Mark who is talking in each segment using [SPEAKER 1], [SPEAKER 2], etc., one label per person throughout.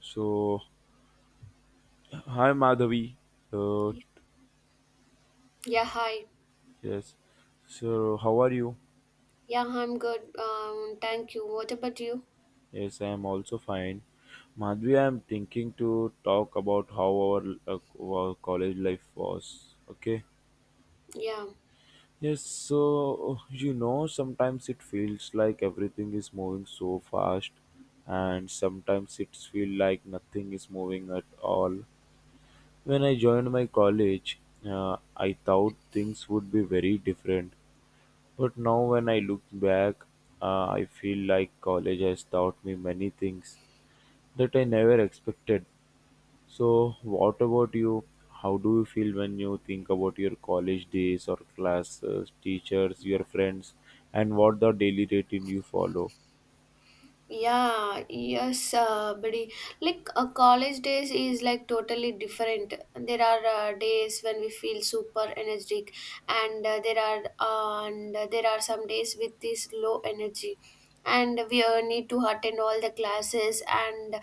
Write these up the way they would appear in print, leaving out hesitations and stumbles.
[SPEAKER 1] So, hi Madhavi. Uh,
[SPEAKER 2] Yeah, hi.
[SPEAKER 1] yes. So, how are you?
[SPEAKER 2] Yeah, I'm good. Thank you. What about you?
[SPEAKER 1] Yes, I am also fine. Madhavi, I am thinking to talk about how our college life was. Okay.
[SPEAKER 2] Yeah.
[SPEAKER 1] Yes, so you know, sometimes it feels like everything is moving so fast, and sometimes it feels like nothing is moving at all. When I joined my college, I thought things would be very different. But now when I look back, I feel like college has taught me many things that I never expected. So, what about you? How do you feel when you think about your college days or classes, teachers, your friends, and what the daily routine you follow?
[SPEAKER 2] Yeah, yes, buddy. Like college days is like totally different. There are days when we feel super energetic, and there are some days with this low energy, and we need to attend all the classes. And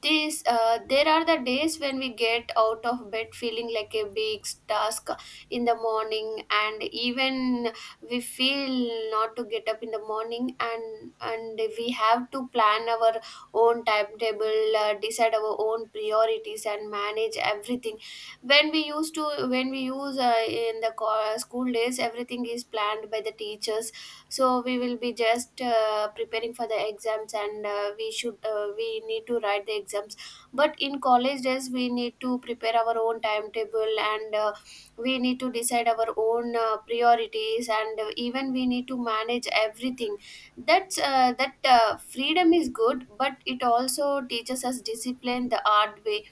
[SPEAKER 2] this there are the days when we get out of bed feeling like a big task in the morning, and even we feel not to get up in the morning and we have to plan our own timetable, decide our own priorities and manage everything. When we use in the school days everything is planned by the teachers, so we will be just preparing for the exams, and we need to write the exams. But in college days we need to prepare our own timetable, and we need to decide our own priorities, and even we need to manage everything. That's that Freedom is good, but it also teaches us discipline the hard way.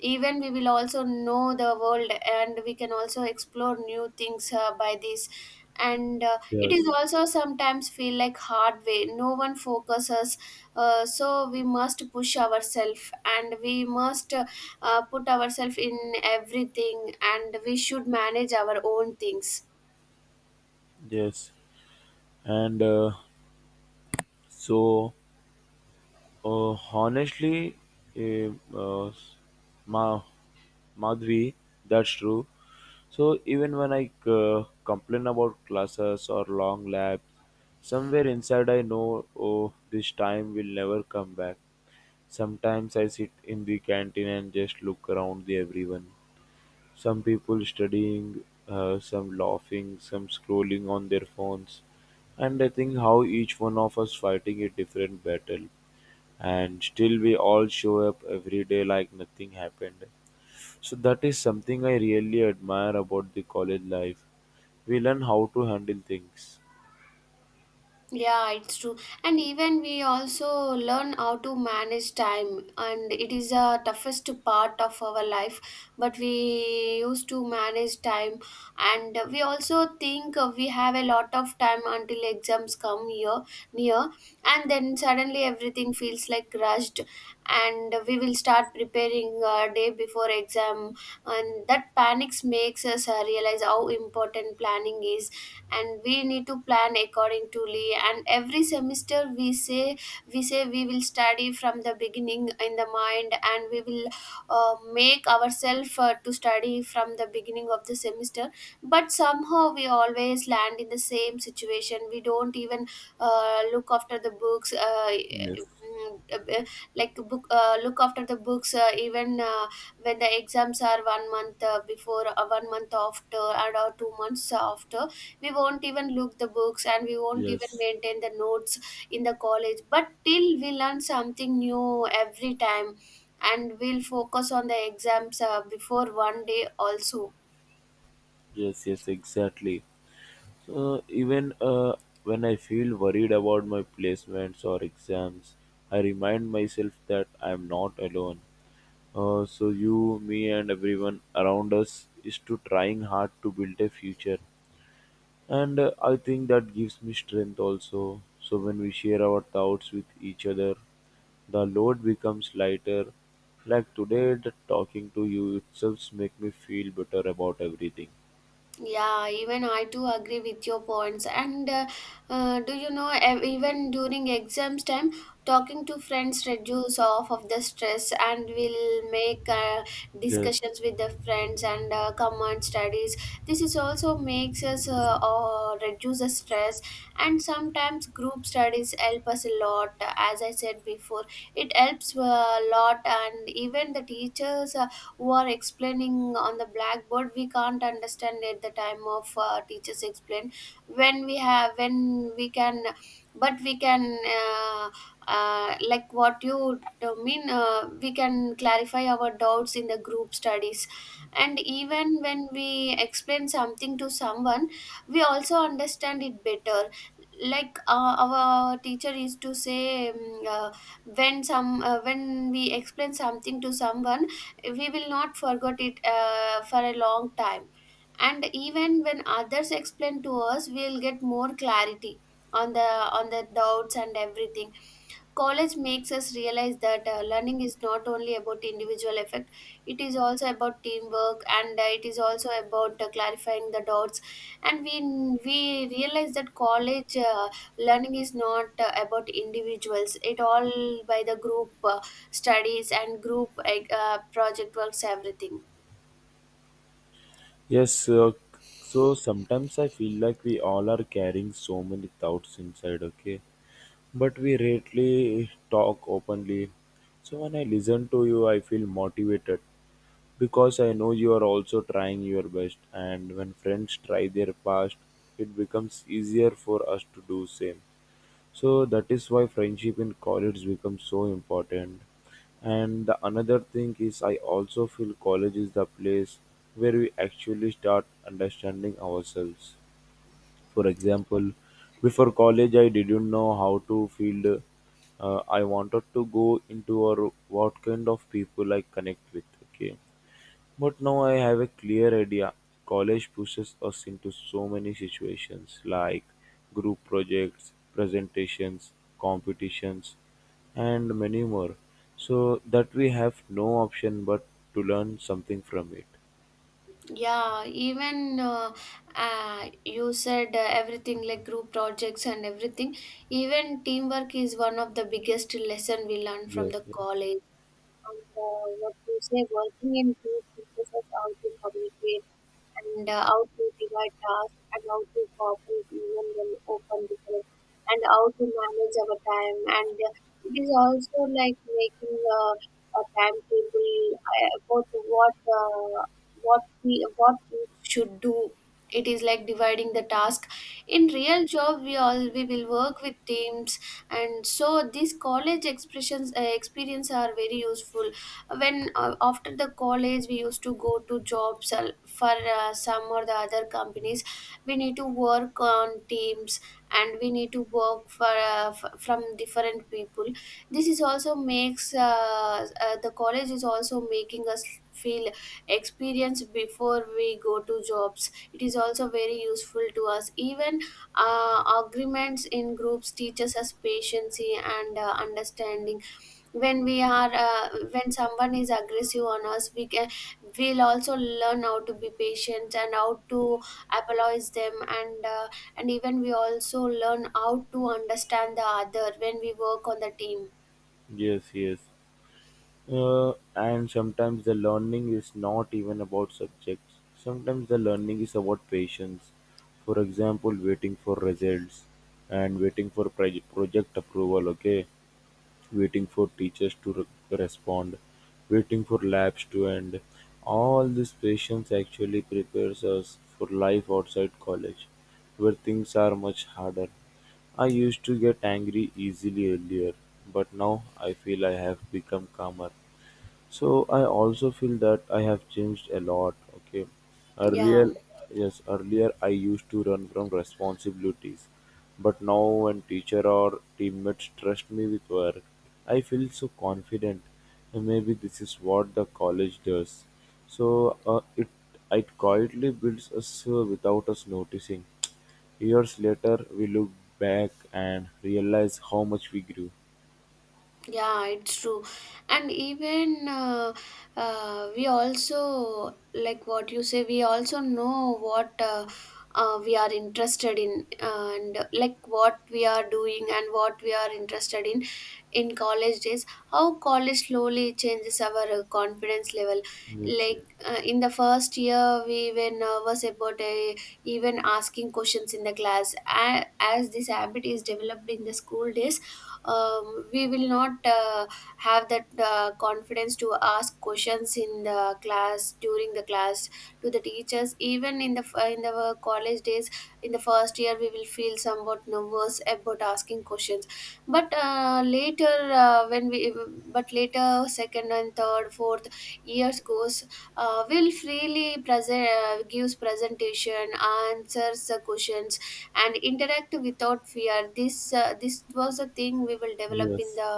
[SPEAKER 2] Even we will also know the world, and we can also explore new things by this. And it is
[SPEAKER 1] Yes,
[SPEAKER 2] also sometimes feel like hard way, no one focuses, so we must push ourselves and we must put ourselves in everything, and we should manage our own things.
[SPEAKER 1] yes, and so honestly, eh, uh, Ma Madhvi, that's true. So even when I complain about classes or long labs, somewhere inside I know, oh, this time will never come back. Sometimes I sit in the canteen and just look around the everyone. Some people studying, some laughing, some scrolling on their phones, and I think how each one of us fighting a different battle, and still we all show up every day like nothing happened. So that is something I really admire about the college life. We learn how to handle things.
[SPEAKER 2] Yeah, it's true. And even we also learn how to manage time, and it is the toughest part of our life. But we used to manage time, and we also think we have a lot of time until exams come here near, and then suddenly everything feels like rushed, and we will start preparing a day before exam, and that panics makes us realize how important planning is, and we need to plan according to Lee. And every semester we say we will study from the beginning in the mind, and we will make ourselves to study from the beginning of the semester. But somehow we always land in the same situation, we don't even look after the books,
[SPEAKER 1] Yes.
[SPEAKER 2] mm, like book look after the books even when the exams are 1 month before, 1 month after and or 2 months after, we won't even look the books, and we won't even
[SPEAKER 1] Yes,
[SPEAKER 2] maintain the notes in the college. But till we learn something new every time, and we'll focus on the exams before 1 day also.
[SPEAKER 1] yes, yes, exactly. So even when I feel worried about my placements or exams, I remind myself that I am not alone. So you, me, and everyone around us is to trying hard to build a future, and I think that gives me strength also. So when we share our thoughts with each other, the load becomes lighter, like today the talking to you itself make me feel better about everything.
[SPEAKER 2] Yeah, even I too agree with your points. And do you know, even during exams time, talking to friends reduce off of the stress and will make
[SPEAKER 1] Yes,
[SPEAKER 2] discussions with the friends and common studies. This is also makes us reduce the stress. And sometimes group studies help us a lot. As I said before, it helps a lot. And even the teachers who are explaining on the blackboard, we can't understand at the time of teachers explain when we can, but we can, like what you mean we can clarify our doubts in the group studies. And even when we explain something to someone, we also understand it better. Like our teacher used to say, uh, when we explain something to someone, we will not forget it for a long time, and even when others explain to us, we'll get more clarity on the doubts and everything. College makes us realize that learning is not only about individual effect, it is also about teamwork, and it is also about clarifying the doubts. And we realize that college learning is not about individuals, it all by the group studies and group, like, project works, everything.
[SPEAKER 1] yes. So sometimes I feel like we all are carrying so many thoughts inside. Okay, but we rarely talk openly. So when I listen to you, I feel motivated because I know you are also trying your best. And when friends try their best, it becomes easier for us to do same. So that is why friendship in college becomes so important. And the another thing is, I also feel college is the place where we actually start understanding ourselves. For example, before college, I didn't know how to feel. I wanted to go into or what kind of people I connect with. Okay, but now I have a clear idea. College pushes us into so many situations like group projects, presentations, competitions, and many more. So that we have no option but to learn something from it.
[SPEAKER 2] Yeah, even you said everything like group projects and everything. Even teamwork is one of the biggest lesson we learn from
[SPEAKER 1] Yes,
[SPEAKER 2] the
[SPEAKER 1] yes.
[SPEAKER 2] college. And what you say, working in group teaches us how to communicate, and how to divide tasks, and how to cooperate even when open different, and how to manage our time. And it is also like making a timetable about what we should do. It is like dividing the task. In real job, we will work with teams, and so these college expressions, experience are very useful when, after the college, we used to go to jobs for some or the other companies. We need to work on teams, and we need to work for from different people. This is also makes, the college is also making us feel experience before we go to jobs, it is also very useful to us. Even agreements in groups teaches us patience and understanding. When we are when someone is aggressive on us, we'll also learn how to be patient and how to apologize them, and even we also learn how to understand the other when we work on the team.
[SPEAKER 1] Yes, yes. And sometimes the learning is not even about subjects. Sometimes the learning is about patience. For example, waiting for results and waiting for project approval. Okay, waiting for teachers to respond, waiting for labs to end. All this patience actually prepares us for life outside college, where things are much harder. I used to get angry easily earlier, but now I feel I have become calmer. So I also feel that I have changed a lot. Okay,
[SPEAKER 2] Yeah,
[SPEAKER 1] earlier, yes, earlier I used to run from responsibilities, but now when teacher or teammates trust me with work, I feel so confident. And maybe this is what the college does. So it quietly builds us without us noticing. Years later, we look back and realize how much we grew.
[SPEAKER 2] Yeah, it's true. And even we also, like what you say, we also know what we are interested in, and like what we are doing and what we are interested in college days. How college slowly changes our confidence level.
[SPEAKER 1] Yes, yes,
[SPEAKER 2] Like in the first year, we were nervous about even asking questions in the class. As this habit is developed in the school days, we will not have that confidence to ask questions in the class during the class to the teachers. Even in the in the college days, in the first year, we will feel somewhat nervous about asking questions. But uh, later uh, when we but later, second and third, fourth years goes, will freely present, gives presentation, answers the questions and interact without fear. This this was a thing we will develop in
[SPEAKER 1] yes,
[SPEAKER 2] the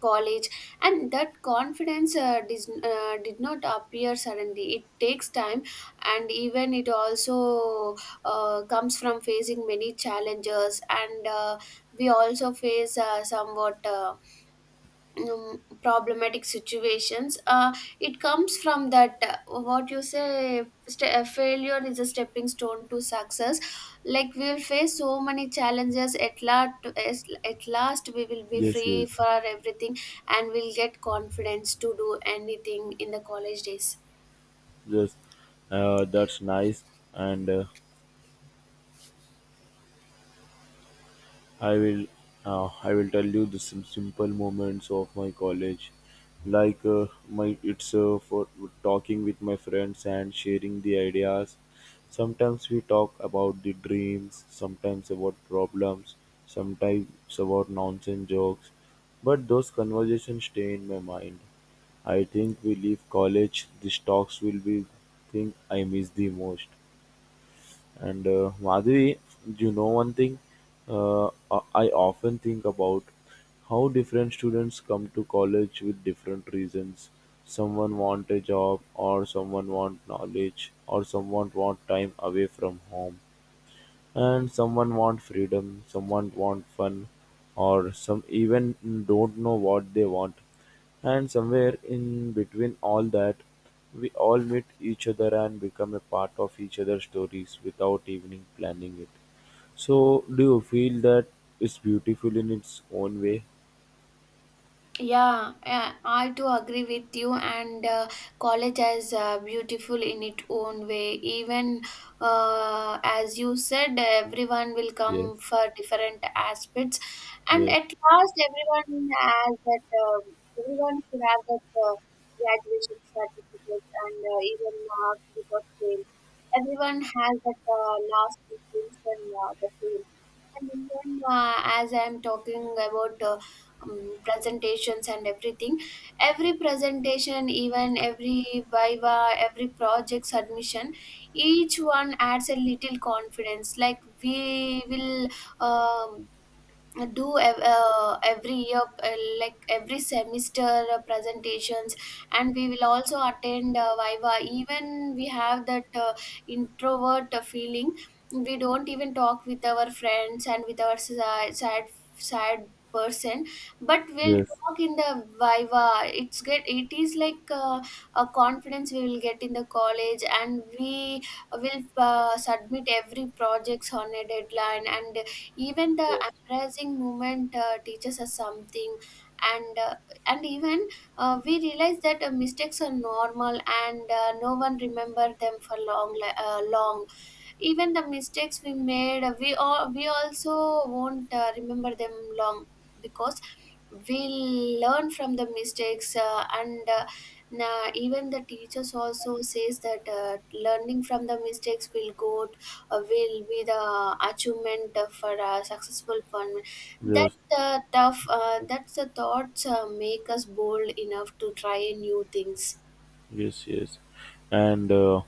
[SPEAKER 2] college. And that confidence did not appear suddenly, it takes time. And even it also comes from facing many challenges, and we also face somewhat problematic situations. It comes from that, what you say, failure is a stepping stone to success. Like we will face so many challenges, at last we will be
[SPEAKER 1] yes,
[SPEAKER 2] free
[SPEAKER 1] yes.
[SPEAKER 2] for everything, and we'll get confidence to do anything in the college days.
[SPEAKER 1] Yes, that's nice, and I will I will tell you the simple moments of my college, like my it's for talking with my friends and sharing the ideas. Sometimes we talk about the dreams, sometimes about problems, sometimes about nonsense jokes, but those conversations stay in my mind. I think we leave college, these talks will be thing I miss the most. And Madhuri, you know one thing, I often think about how different students come to college with different reasons. Someone want a job, or someone want knowledge, or someone want time away from home. And someone want freedom, someone want fun, or some even don't know what they want. And somewhere in between all that, we all meet each other and become a part of each other's stories without even planning it. So, do you feel that it's beautiful in its own way?
[SPEAKER 2] Yeah, I do agree with you. And college is beautiful in its own way. Even as you said, everyone will
[SPEAKER 1] Yes,
[SPEAKER 2] come for different aspects, and
[SPEAKER 1] yes,
[SPEAKER 2] at last, everyone has that. Everyone should have that graduation certificates, and even marks without fail. Everyone has that last intention, the same. And even as I'm talking about, presentations and everything, every presentation, even every viva, every project submission, each one adds a little confidence. Like we will, um every year like every semester, presentations, and we will also attend viva. Even we have that introvert feeling, we don't even talk with our friends and with our sad person, but we'll
[SPEAKER 1] yes,
[SPEAKER 2] talk in the viva. It is like a confidence we will get in the college, and we will submit every projects on a deadline. And even the
[SPEAKER 1] yes,
[SPEAKER 2] uprising movement teaches us something. And uh, and even we realize that mistakes are normal, and no one remember them for long, long. Even the mistakes we made, we also won't remember them long, because we learn from the mistakes. Even the teachers also says that learning from the mistakes will go, will be the achievement for a successful fun. that
[SPEAKER 1] yes,
[SPEAKER 2] that's the thoughts make us bold enough to try new things.
[SPEAKER 1] yes, yes. And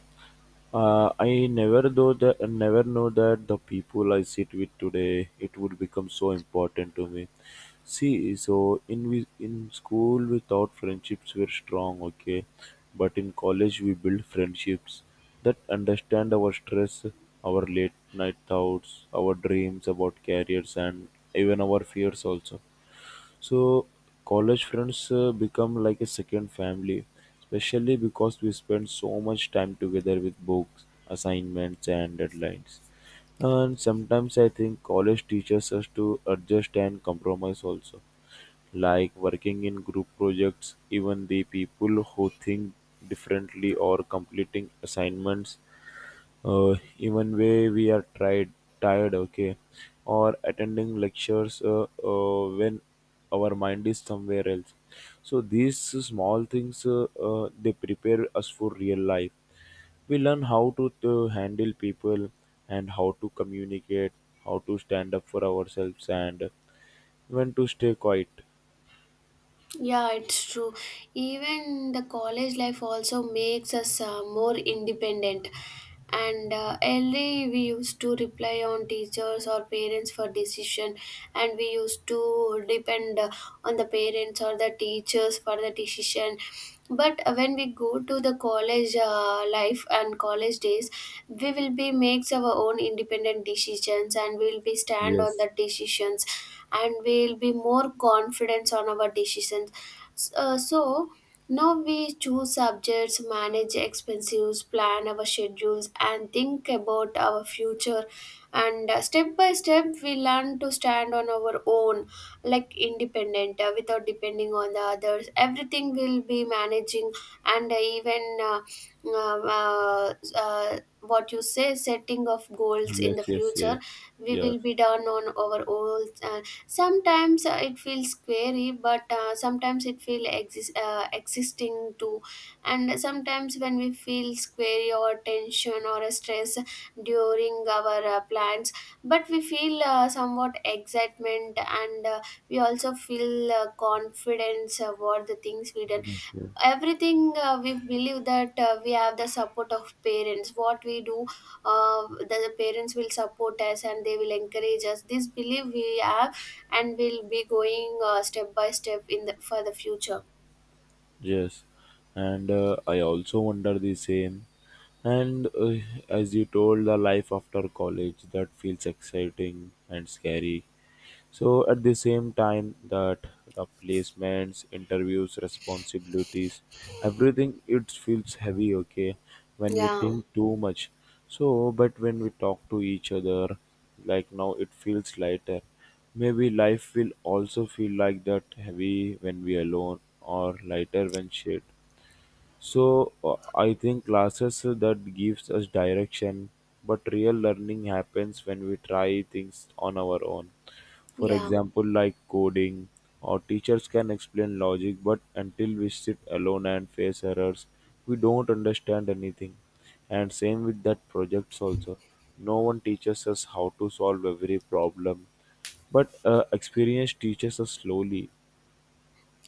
[SPEAKER 1] I never though that I never know that the people I sit with today it would become so important to me. See, so in we in school we thought friendships were strong, okay, but in college we build friendships that understand our stress, our late night thoughts, our dreams about careers, and even our fears also. So college friends become like a second family, especially because we spend so much time together with books, assignments, and deadlines. And sometimes I think college teaches us to adjust and compromise also, like working in group projects, even the people who think differently or completing assignments, even way we are tried tired, okay, or attending lectures, when our mind is somewhere else, so these small things, they prepare us for real life. We learn how to handle people, and how to communicate, how to stand up for ourselves and when to stay quiet.
[SPEAKER 2] Yeah, it's true. Even the college life also makes us more independent. And early we used to rely on teachers or parents for decision, and we used to depend on the parents or the teachers for the decision. But when we go to the college life and college days, we will be makes our own independent decisions, and we will be stand on
[SPEAKER 1] Yes,
[SPEAKER 2] the decisions, and we'll be more confident on our decisions. So now we choose subjects, manage expenses, plan our schedules, and think about our future. And step by step we learn to stand on our own, like independent, without depending on the others, everything will be managing. And uh, even uh, uh, uh, uh, what you say, setting of goals in
[SPEAKER 1] yes,
[SPEAKER 2] the
[SPEAKER 1] yes,
[SPEAKER 2] future,
[SPEAKER 1] yes,
[SPEAKER 2] we
[SPEAKER 1] yes,
[SPEAKER 2] will be done on our own. Sometimes it feels scary, but sometimes it feels existing too. And sometimes when we feel scary or tension or a stress during our plans, but we feel somewhat excitement, and we also feel confidence about the things we done.
[SPEAKER 1] yes, yes.
[SPEAKER 2] Everything, we believe that we have the support of parents what we do. The parents will support us, and they will encourage us, this belief we have. And we'll be going, step by step in the for the future.
[SPEAKER 1] Yes, and I also wonder the same. And as you told, the life after college that feels exciting and scary. So at the same time that the placements, interviews, responsibilities, everything it feels heavy, okay, when we
[SPEAKER 2] Yeah,
[SPEAKER 1] think too much. So but when we talk to each other, like now it feels lighter. Maybe life will also feel like that heavy when we alone or lighter when shared. So I think classes that gives us direction, but real learning happens when we try things on our own. For
[SPEAKER 2] yeah.
[SPEAKER 1] example, like coding, our teachers can explain logic, but until we sit alone and face errors, we don't understand anything. And same with that projects also. No one teaches us how to solve every problem, but experience teaches us slowly.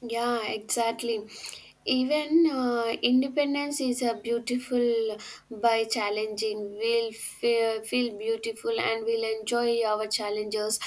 [SPEAKER 2] Yeah, exactly. Even independence is a beautiful by challenging. We'll feel beautiful, and we'll enjoy our challenges.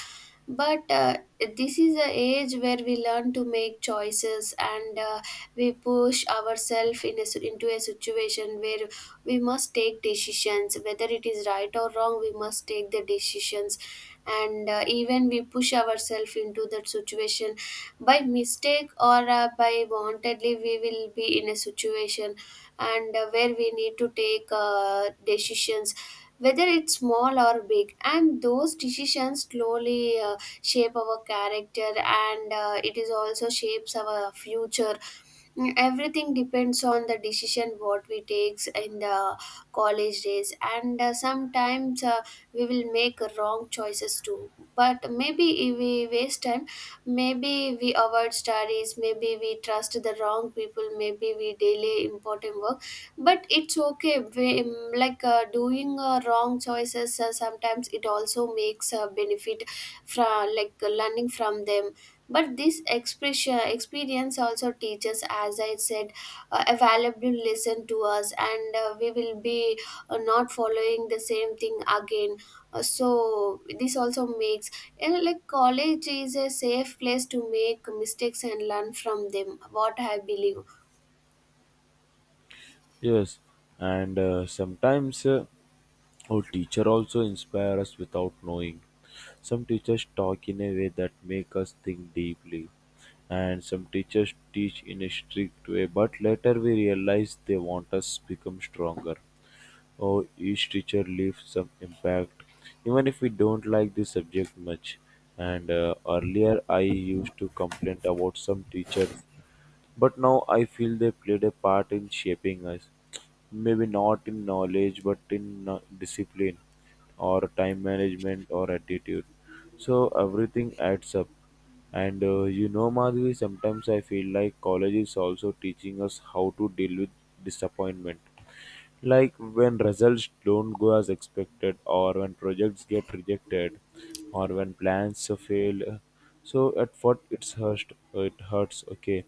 [SPEAKER 2] But this is the age where we learn to make choices, and we push ourselves into a situation where we must take decisions. Whether it is right or wrong, we must take the decisions. And even we push ourselves into that situation by mistake or by wantedly, we will be in a situation, and where we need to take decisions, whether it's small or big. And those decisions slowly shape our character, and it is also shapes our future. Mm, everything depends on the decision what we takes in the college days. And sometimes we will make wrong choices too, but maybe if we waste time, maybe we avoid studies, maybe we trust the wrong people, maybe we delay important work. But it's okay, like doing wrong choices, sometimes it also makes a benefit from, like, learning from them. But this expression experience also teaches, as I said, a valuable lesson to us, and we will be not following the same thing again. So this also makes, and like, college is a safe place to make mistakes and learn from them, what I believe.
[SPEAKER 1] Yes, and sometimes our teacher also inspire us without knowing. Some teachers talk in a way that make us think deeply, and some teachers teach in a strict way, but later we realize they want us become stronger, or each teacher leaves some impact even if we don't like the subject much. And earlier I used to complain about some teachers, but now I feel they played a part in shaping us, maybe not in knowledge but in discipline or time management or attitude. So everything adds up. And you know Madhuri, sometimes I feel like college is also teaching us how to deal with disappointment, like when results don't go as expected, or when projects get rejected, or when plans fail. So at first it's hurts, it hurts, okay,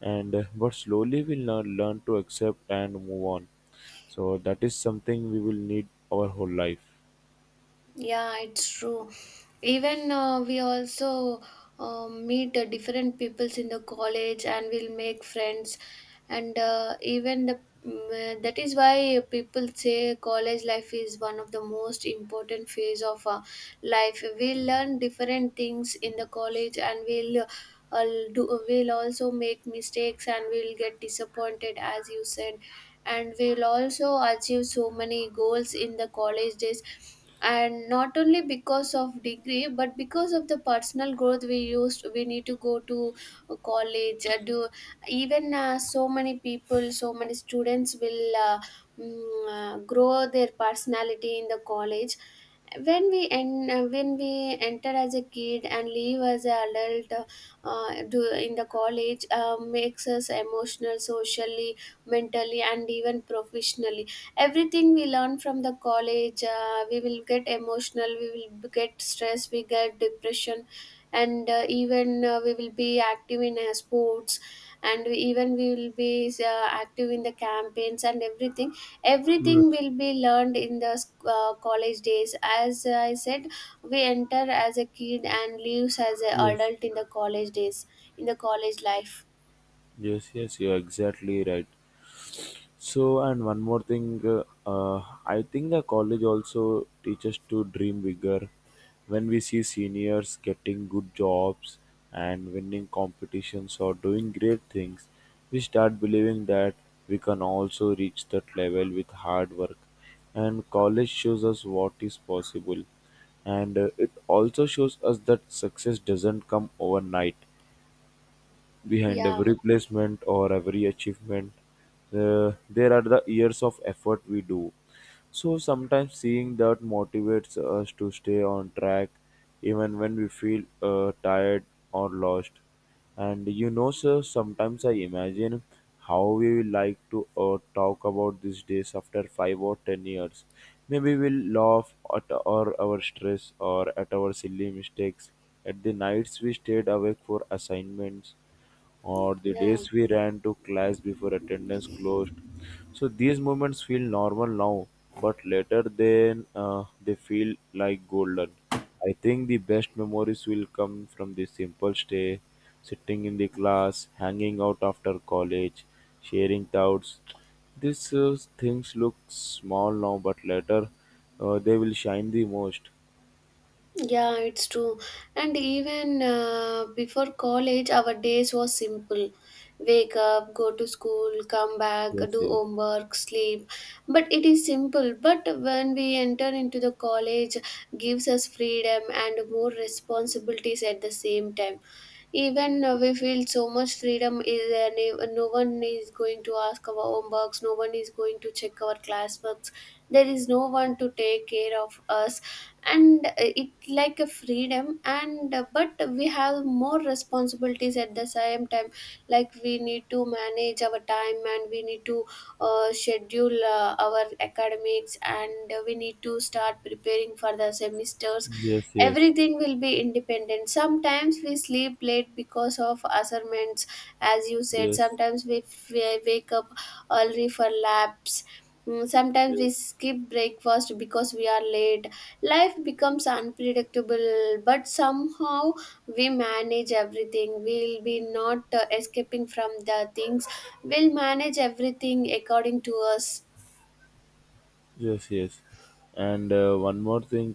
[SPEAKER 1] and but slowly we'll learn learn to accept and move on. So that is something we will need our whole life.
[SPEAKER 2] Yeah, it's true. Even we also meet different peoples in the college, and we'll make friends. And that is why people say college life is one of the most important phase of life. We learn different things in the college, and we'll uh, do we'll also make mistakes, and we'll get disappointed, as you said. And we'll also achieve so many goals in the college days, and not only because of degree, but because of the personal growth. We need to go to college. Do even So many people, so many students will grow their personality in the college. When we enter as a kid and leave as an adult, in the college, makes us emotional, socially, mentally, and even professionally. Everything we learn from the college. We will get emotional, we will get stress, we get depression. And uh, even uh, we will be active in sports, and even we will be active in the campaigns and everything. Everything
[SPEAKER 1] Yes.
[SPEAKER 2] will be learned in the college days. As I said, we enter as a kid and leaves as an
[SPEAKER 1] Yes.
[SPEAKER 2] adult in the college days, in the college life.
[SPEAKER 1] Yes, yes, you're exactly right. So, and one more thing, I think the college also teaches to dream bigger. When we see seniors getting good jobs and winning competitions or doing great things, we start believing that we can also reach that level with hard work. And college shows us what is possible. And it also shows us that success doesn't come overnight. Behind
[SPEAKER 2] Yeah,
[SPEAKER 1] every placement or every achievement, there are the years of effort we do. So sometimes seeing that motivates us to stay on track even when we feel tired or lost. And you know, sir, sometimes I imagine how we will like to talk about these days after 5 or 10 years. Maybe we'll laugh at or our stress or at our silly mistakes, at the nights we stayed awake for assignments or the
[SPEAKER 2] yeah.
[SPEAKER 1] days we ran to class before attendance closed. So these moments feel normal now, but later then they feel like golden. I think the best memories will come from the simple stay, sitting in the class, hanging out after college, sharing doubts. These things look small now, but later they will shine the most.
[SPEAKER 2] Yeah, it's true. And even before college, our days was simple. Wake up, go to school, come back,
[SPEAKER 1] Yes,
[SPEAKER 2] do
[SPEAKER 1] yes,
[SPEAKER 2] homework, sleep. But it is simple. But when we enter into the college, gives us freedom and more responsibilities at the same time. Even we feel so much freedom is there. No, no one is going to ask our homeworks, no one is going to check our classworks, there is no one to take care of us. And it like a freedom, and but we have more responsibilities at the same time. Like, we need to manage our time, and we need to schedule our academics, and we need to start preparing for the semesters.
[SPEAKER 1] yes, yes,
[SPEAKER 2] Everything will be independent. Sometimes we sleep late because of assignments, as you said.
[SPEAKER 1] yes,
[SPEAKER 2] Sometimes we wake up early for labs. Mm, sometimes we
[SPEAKER 1] yes.
[SPEAKER 2] skip breakfast because we are late. Life becomes unpredictable, but somehow we manage everything. We'll be not escaping from the things, we'll manage everything according to us.
[SPEAKER 1] Yes, yes. And one more thing.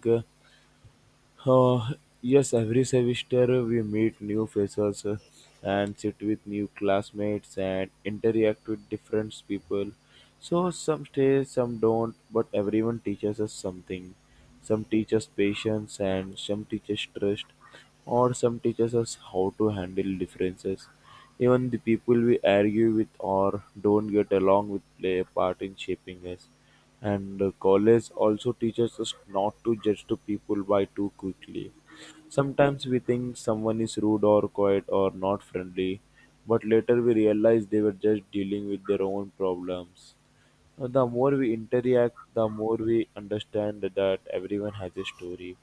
[SPEAKER 1] Uh, uh, yes, every semester we meet new faces and sit with new classmates and interact with different people. So some stay, some don't, but everyone teaches us something. Some teaches patience and some teaches trust, or some teaches us how to handle differences. Even the people we argue with or don't get along with play a part in shaping us. And the college also teaches us not to judge the people by too quickly. Sometimes we think someone is rude or quiet or not friendly, but later we realize they were just dealing with their own problems. The more we interact, the more we understand that everyone has a story.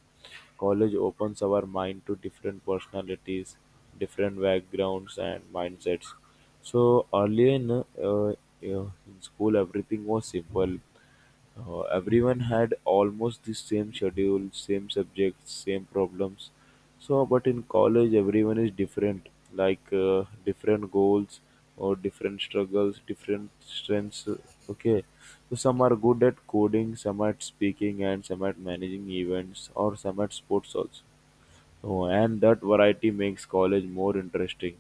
[SPEAKER 1] College opens our mind to different personalities, different backgrounds, and mindsets. So, earlier in school, everything was simple. Everyone had almost the same schedule, same subjects, same problems. So, but in college, everyone is different, like different goals or different struggles, different strengths. Okay, so some are good at coding, some at speaking, and some at managing events, or some at sports also. Oh, and that variety makes college more interesting.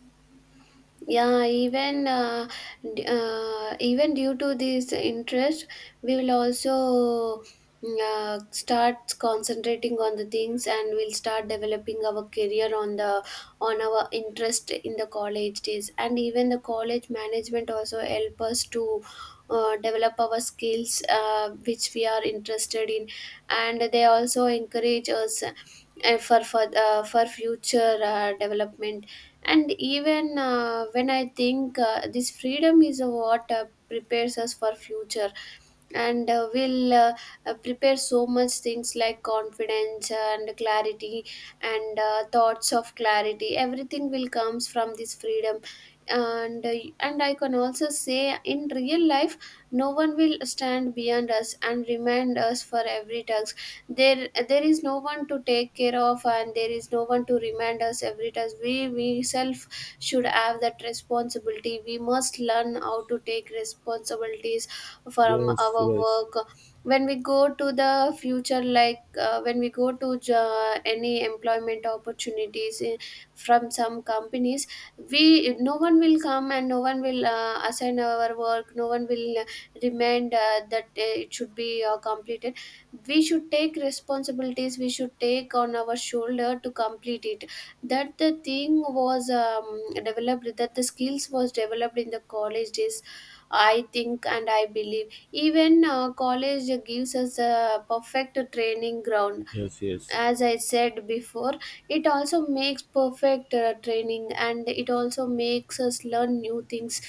[SPEAKER 2] Yeah. Even even due to this interest, we will also start concentrating on the things, and we'll start developing our career on the, on our interest in the college days. And even the college management also help us to develop our skills which we are interested in. And they also encourage us for for future development. And even when I think, this freedom is what prepares us for future. And will prepare so much things, like confidence and clarity, and thoughts of clarity. Everything will comes from this freedom. And uh, and I can also say, in real life, no one will stand beyond us and remind us for every task. There is no one to take care of, and there is no one to remind us every task. We self should have that responsibility. We must learn how to take responsibilities from
[SPEAKER 1] Yes,
[SPEAKER 2] our
[SPEAKER 1] yes,
[SPEAKER 2] work. When we go to the future, like, when we go to any employment opportunities in, from some companies, we, no one will come, and no one will assign our work. No one will remind that it should be completed. We should take responsibilities, we should take on our shoulder to complete it. That the thing was developed, that the skills was developed in the college days, I think, and I believe. Even college gives us a perfect training ground.
[SPEAKER 1] yes, yes,
[SPEAKER 2] As I said before, it also makes perfect training, and it also makes us learn new things.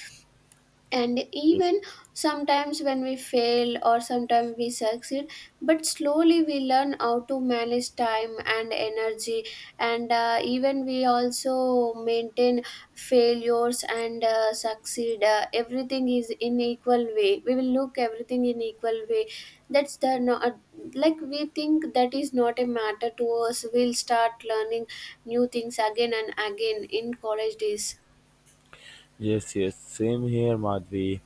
[SPEAKER 2] And
[SPEAKER 1] yes.
[SPEAKER 2] even sometimes when we fail, or sometimes we succeed, but slowly we learn how to manage time and energy. And even we also maintain failures and succeed. Everything is in equal way, we will look everything in equal way. That's the no, Like, we think that is not a matter to us. We'll start learning new things again and again in college days.
[SPEAKER 1] Yes, yes, same here, Madhvi.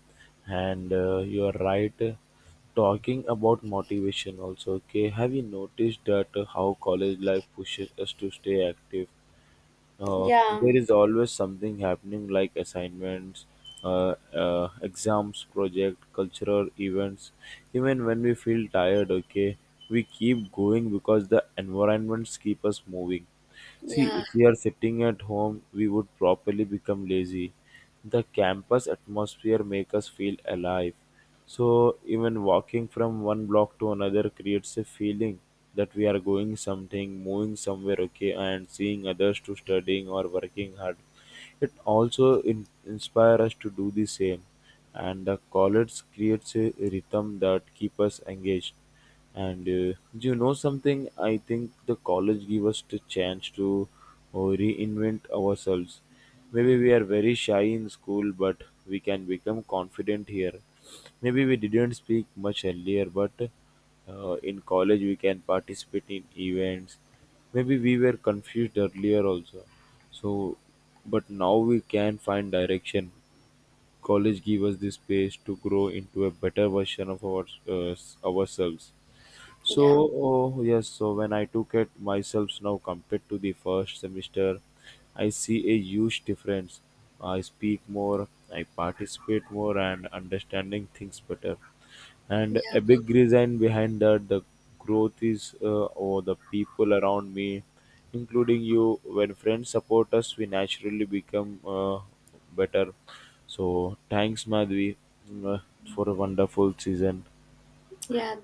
[SPEAKER 1] And you are right. Talking about motivation also, okay. Have you noticed that how college life pushes us to stay active? There
[SPEAKER 2] Yeah,
[SPEAKER 1] is always something happening like assignments, exams, project, cultural events, even when we feel tired, okay, we keep going because the environments keep us moving. See,
[SPEAKER 2] yeah,
[SPEAKER 1] if we are sitting at home we would properly become lazy. The campus atmosphere make us feel alive. So even walking from one block to another creates a feeling that we are going something, moving somewhere, okay, and seeing others to studying or working hard. It also inspire us to do the same, and the college creates a rhythm that keep us engaged. And do you know something? I think the college give us the chance to uh, reinvent ourselves. Maybe we are very shy in school, but we can become confident here. Maybe we didn't speak much earlier, but in college we can participate in events. Maybe we were confused earlier also. So, but now we can find direction. College give us the space to grow into a better version of ourselves. So,
[SPEAKER 2] yeah.
[SPEAKER 1] oh, yes, so when I took it myself now compared to the first semester, I see a huge difference. I speak more, I participate more, and understanding things better. And a
[SPEAKER 2] Yeah,
[SPEAKER 1] big reason behind that the growth is or the people around me, including you. When friends support us, we naturally become better. So, thanks, Madhvi, uh, for a wonderful season.
[SPEAKER 2] yeah.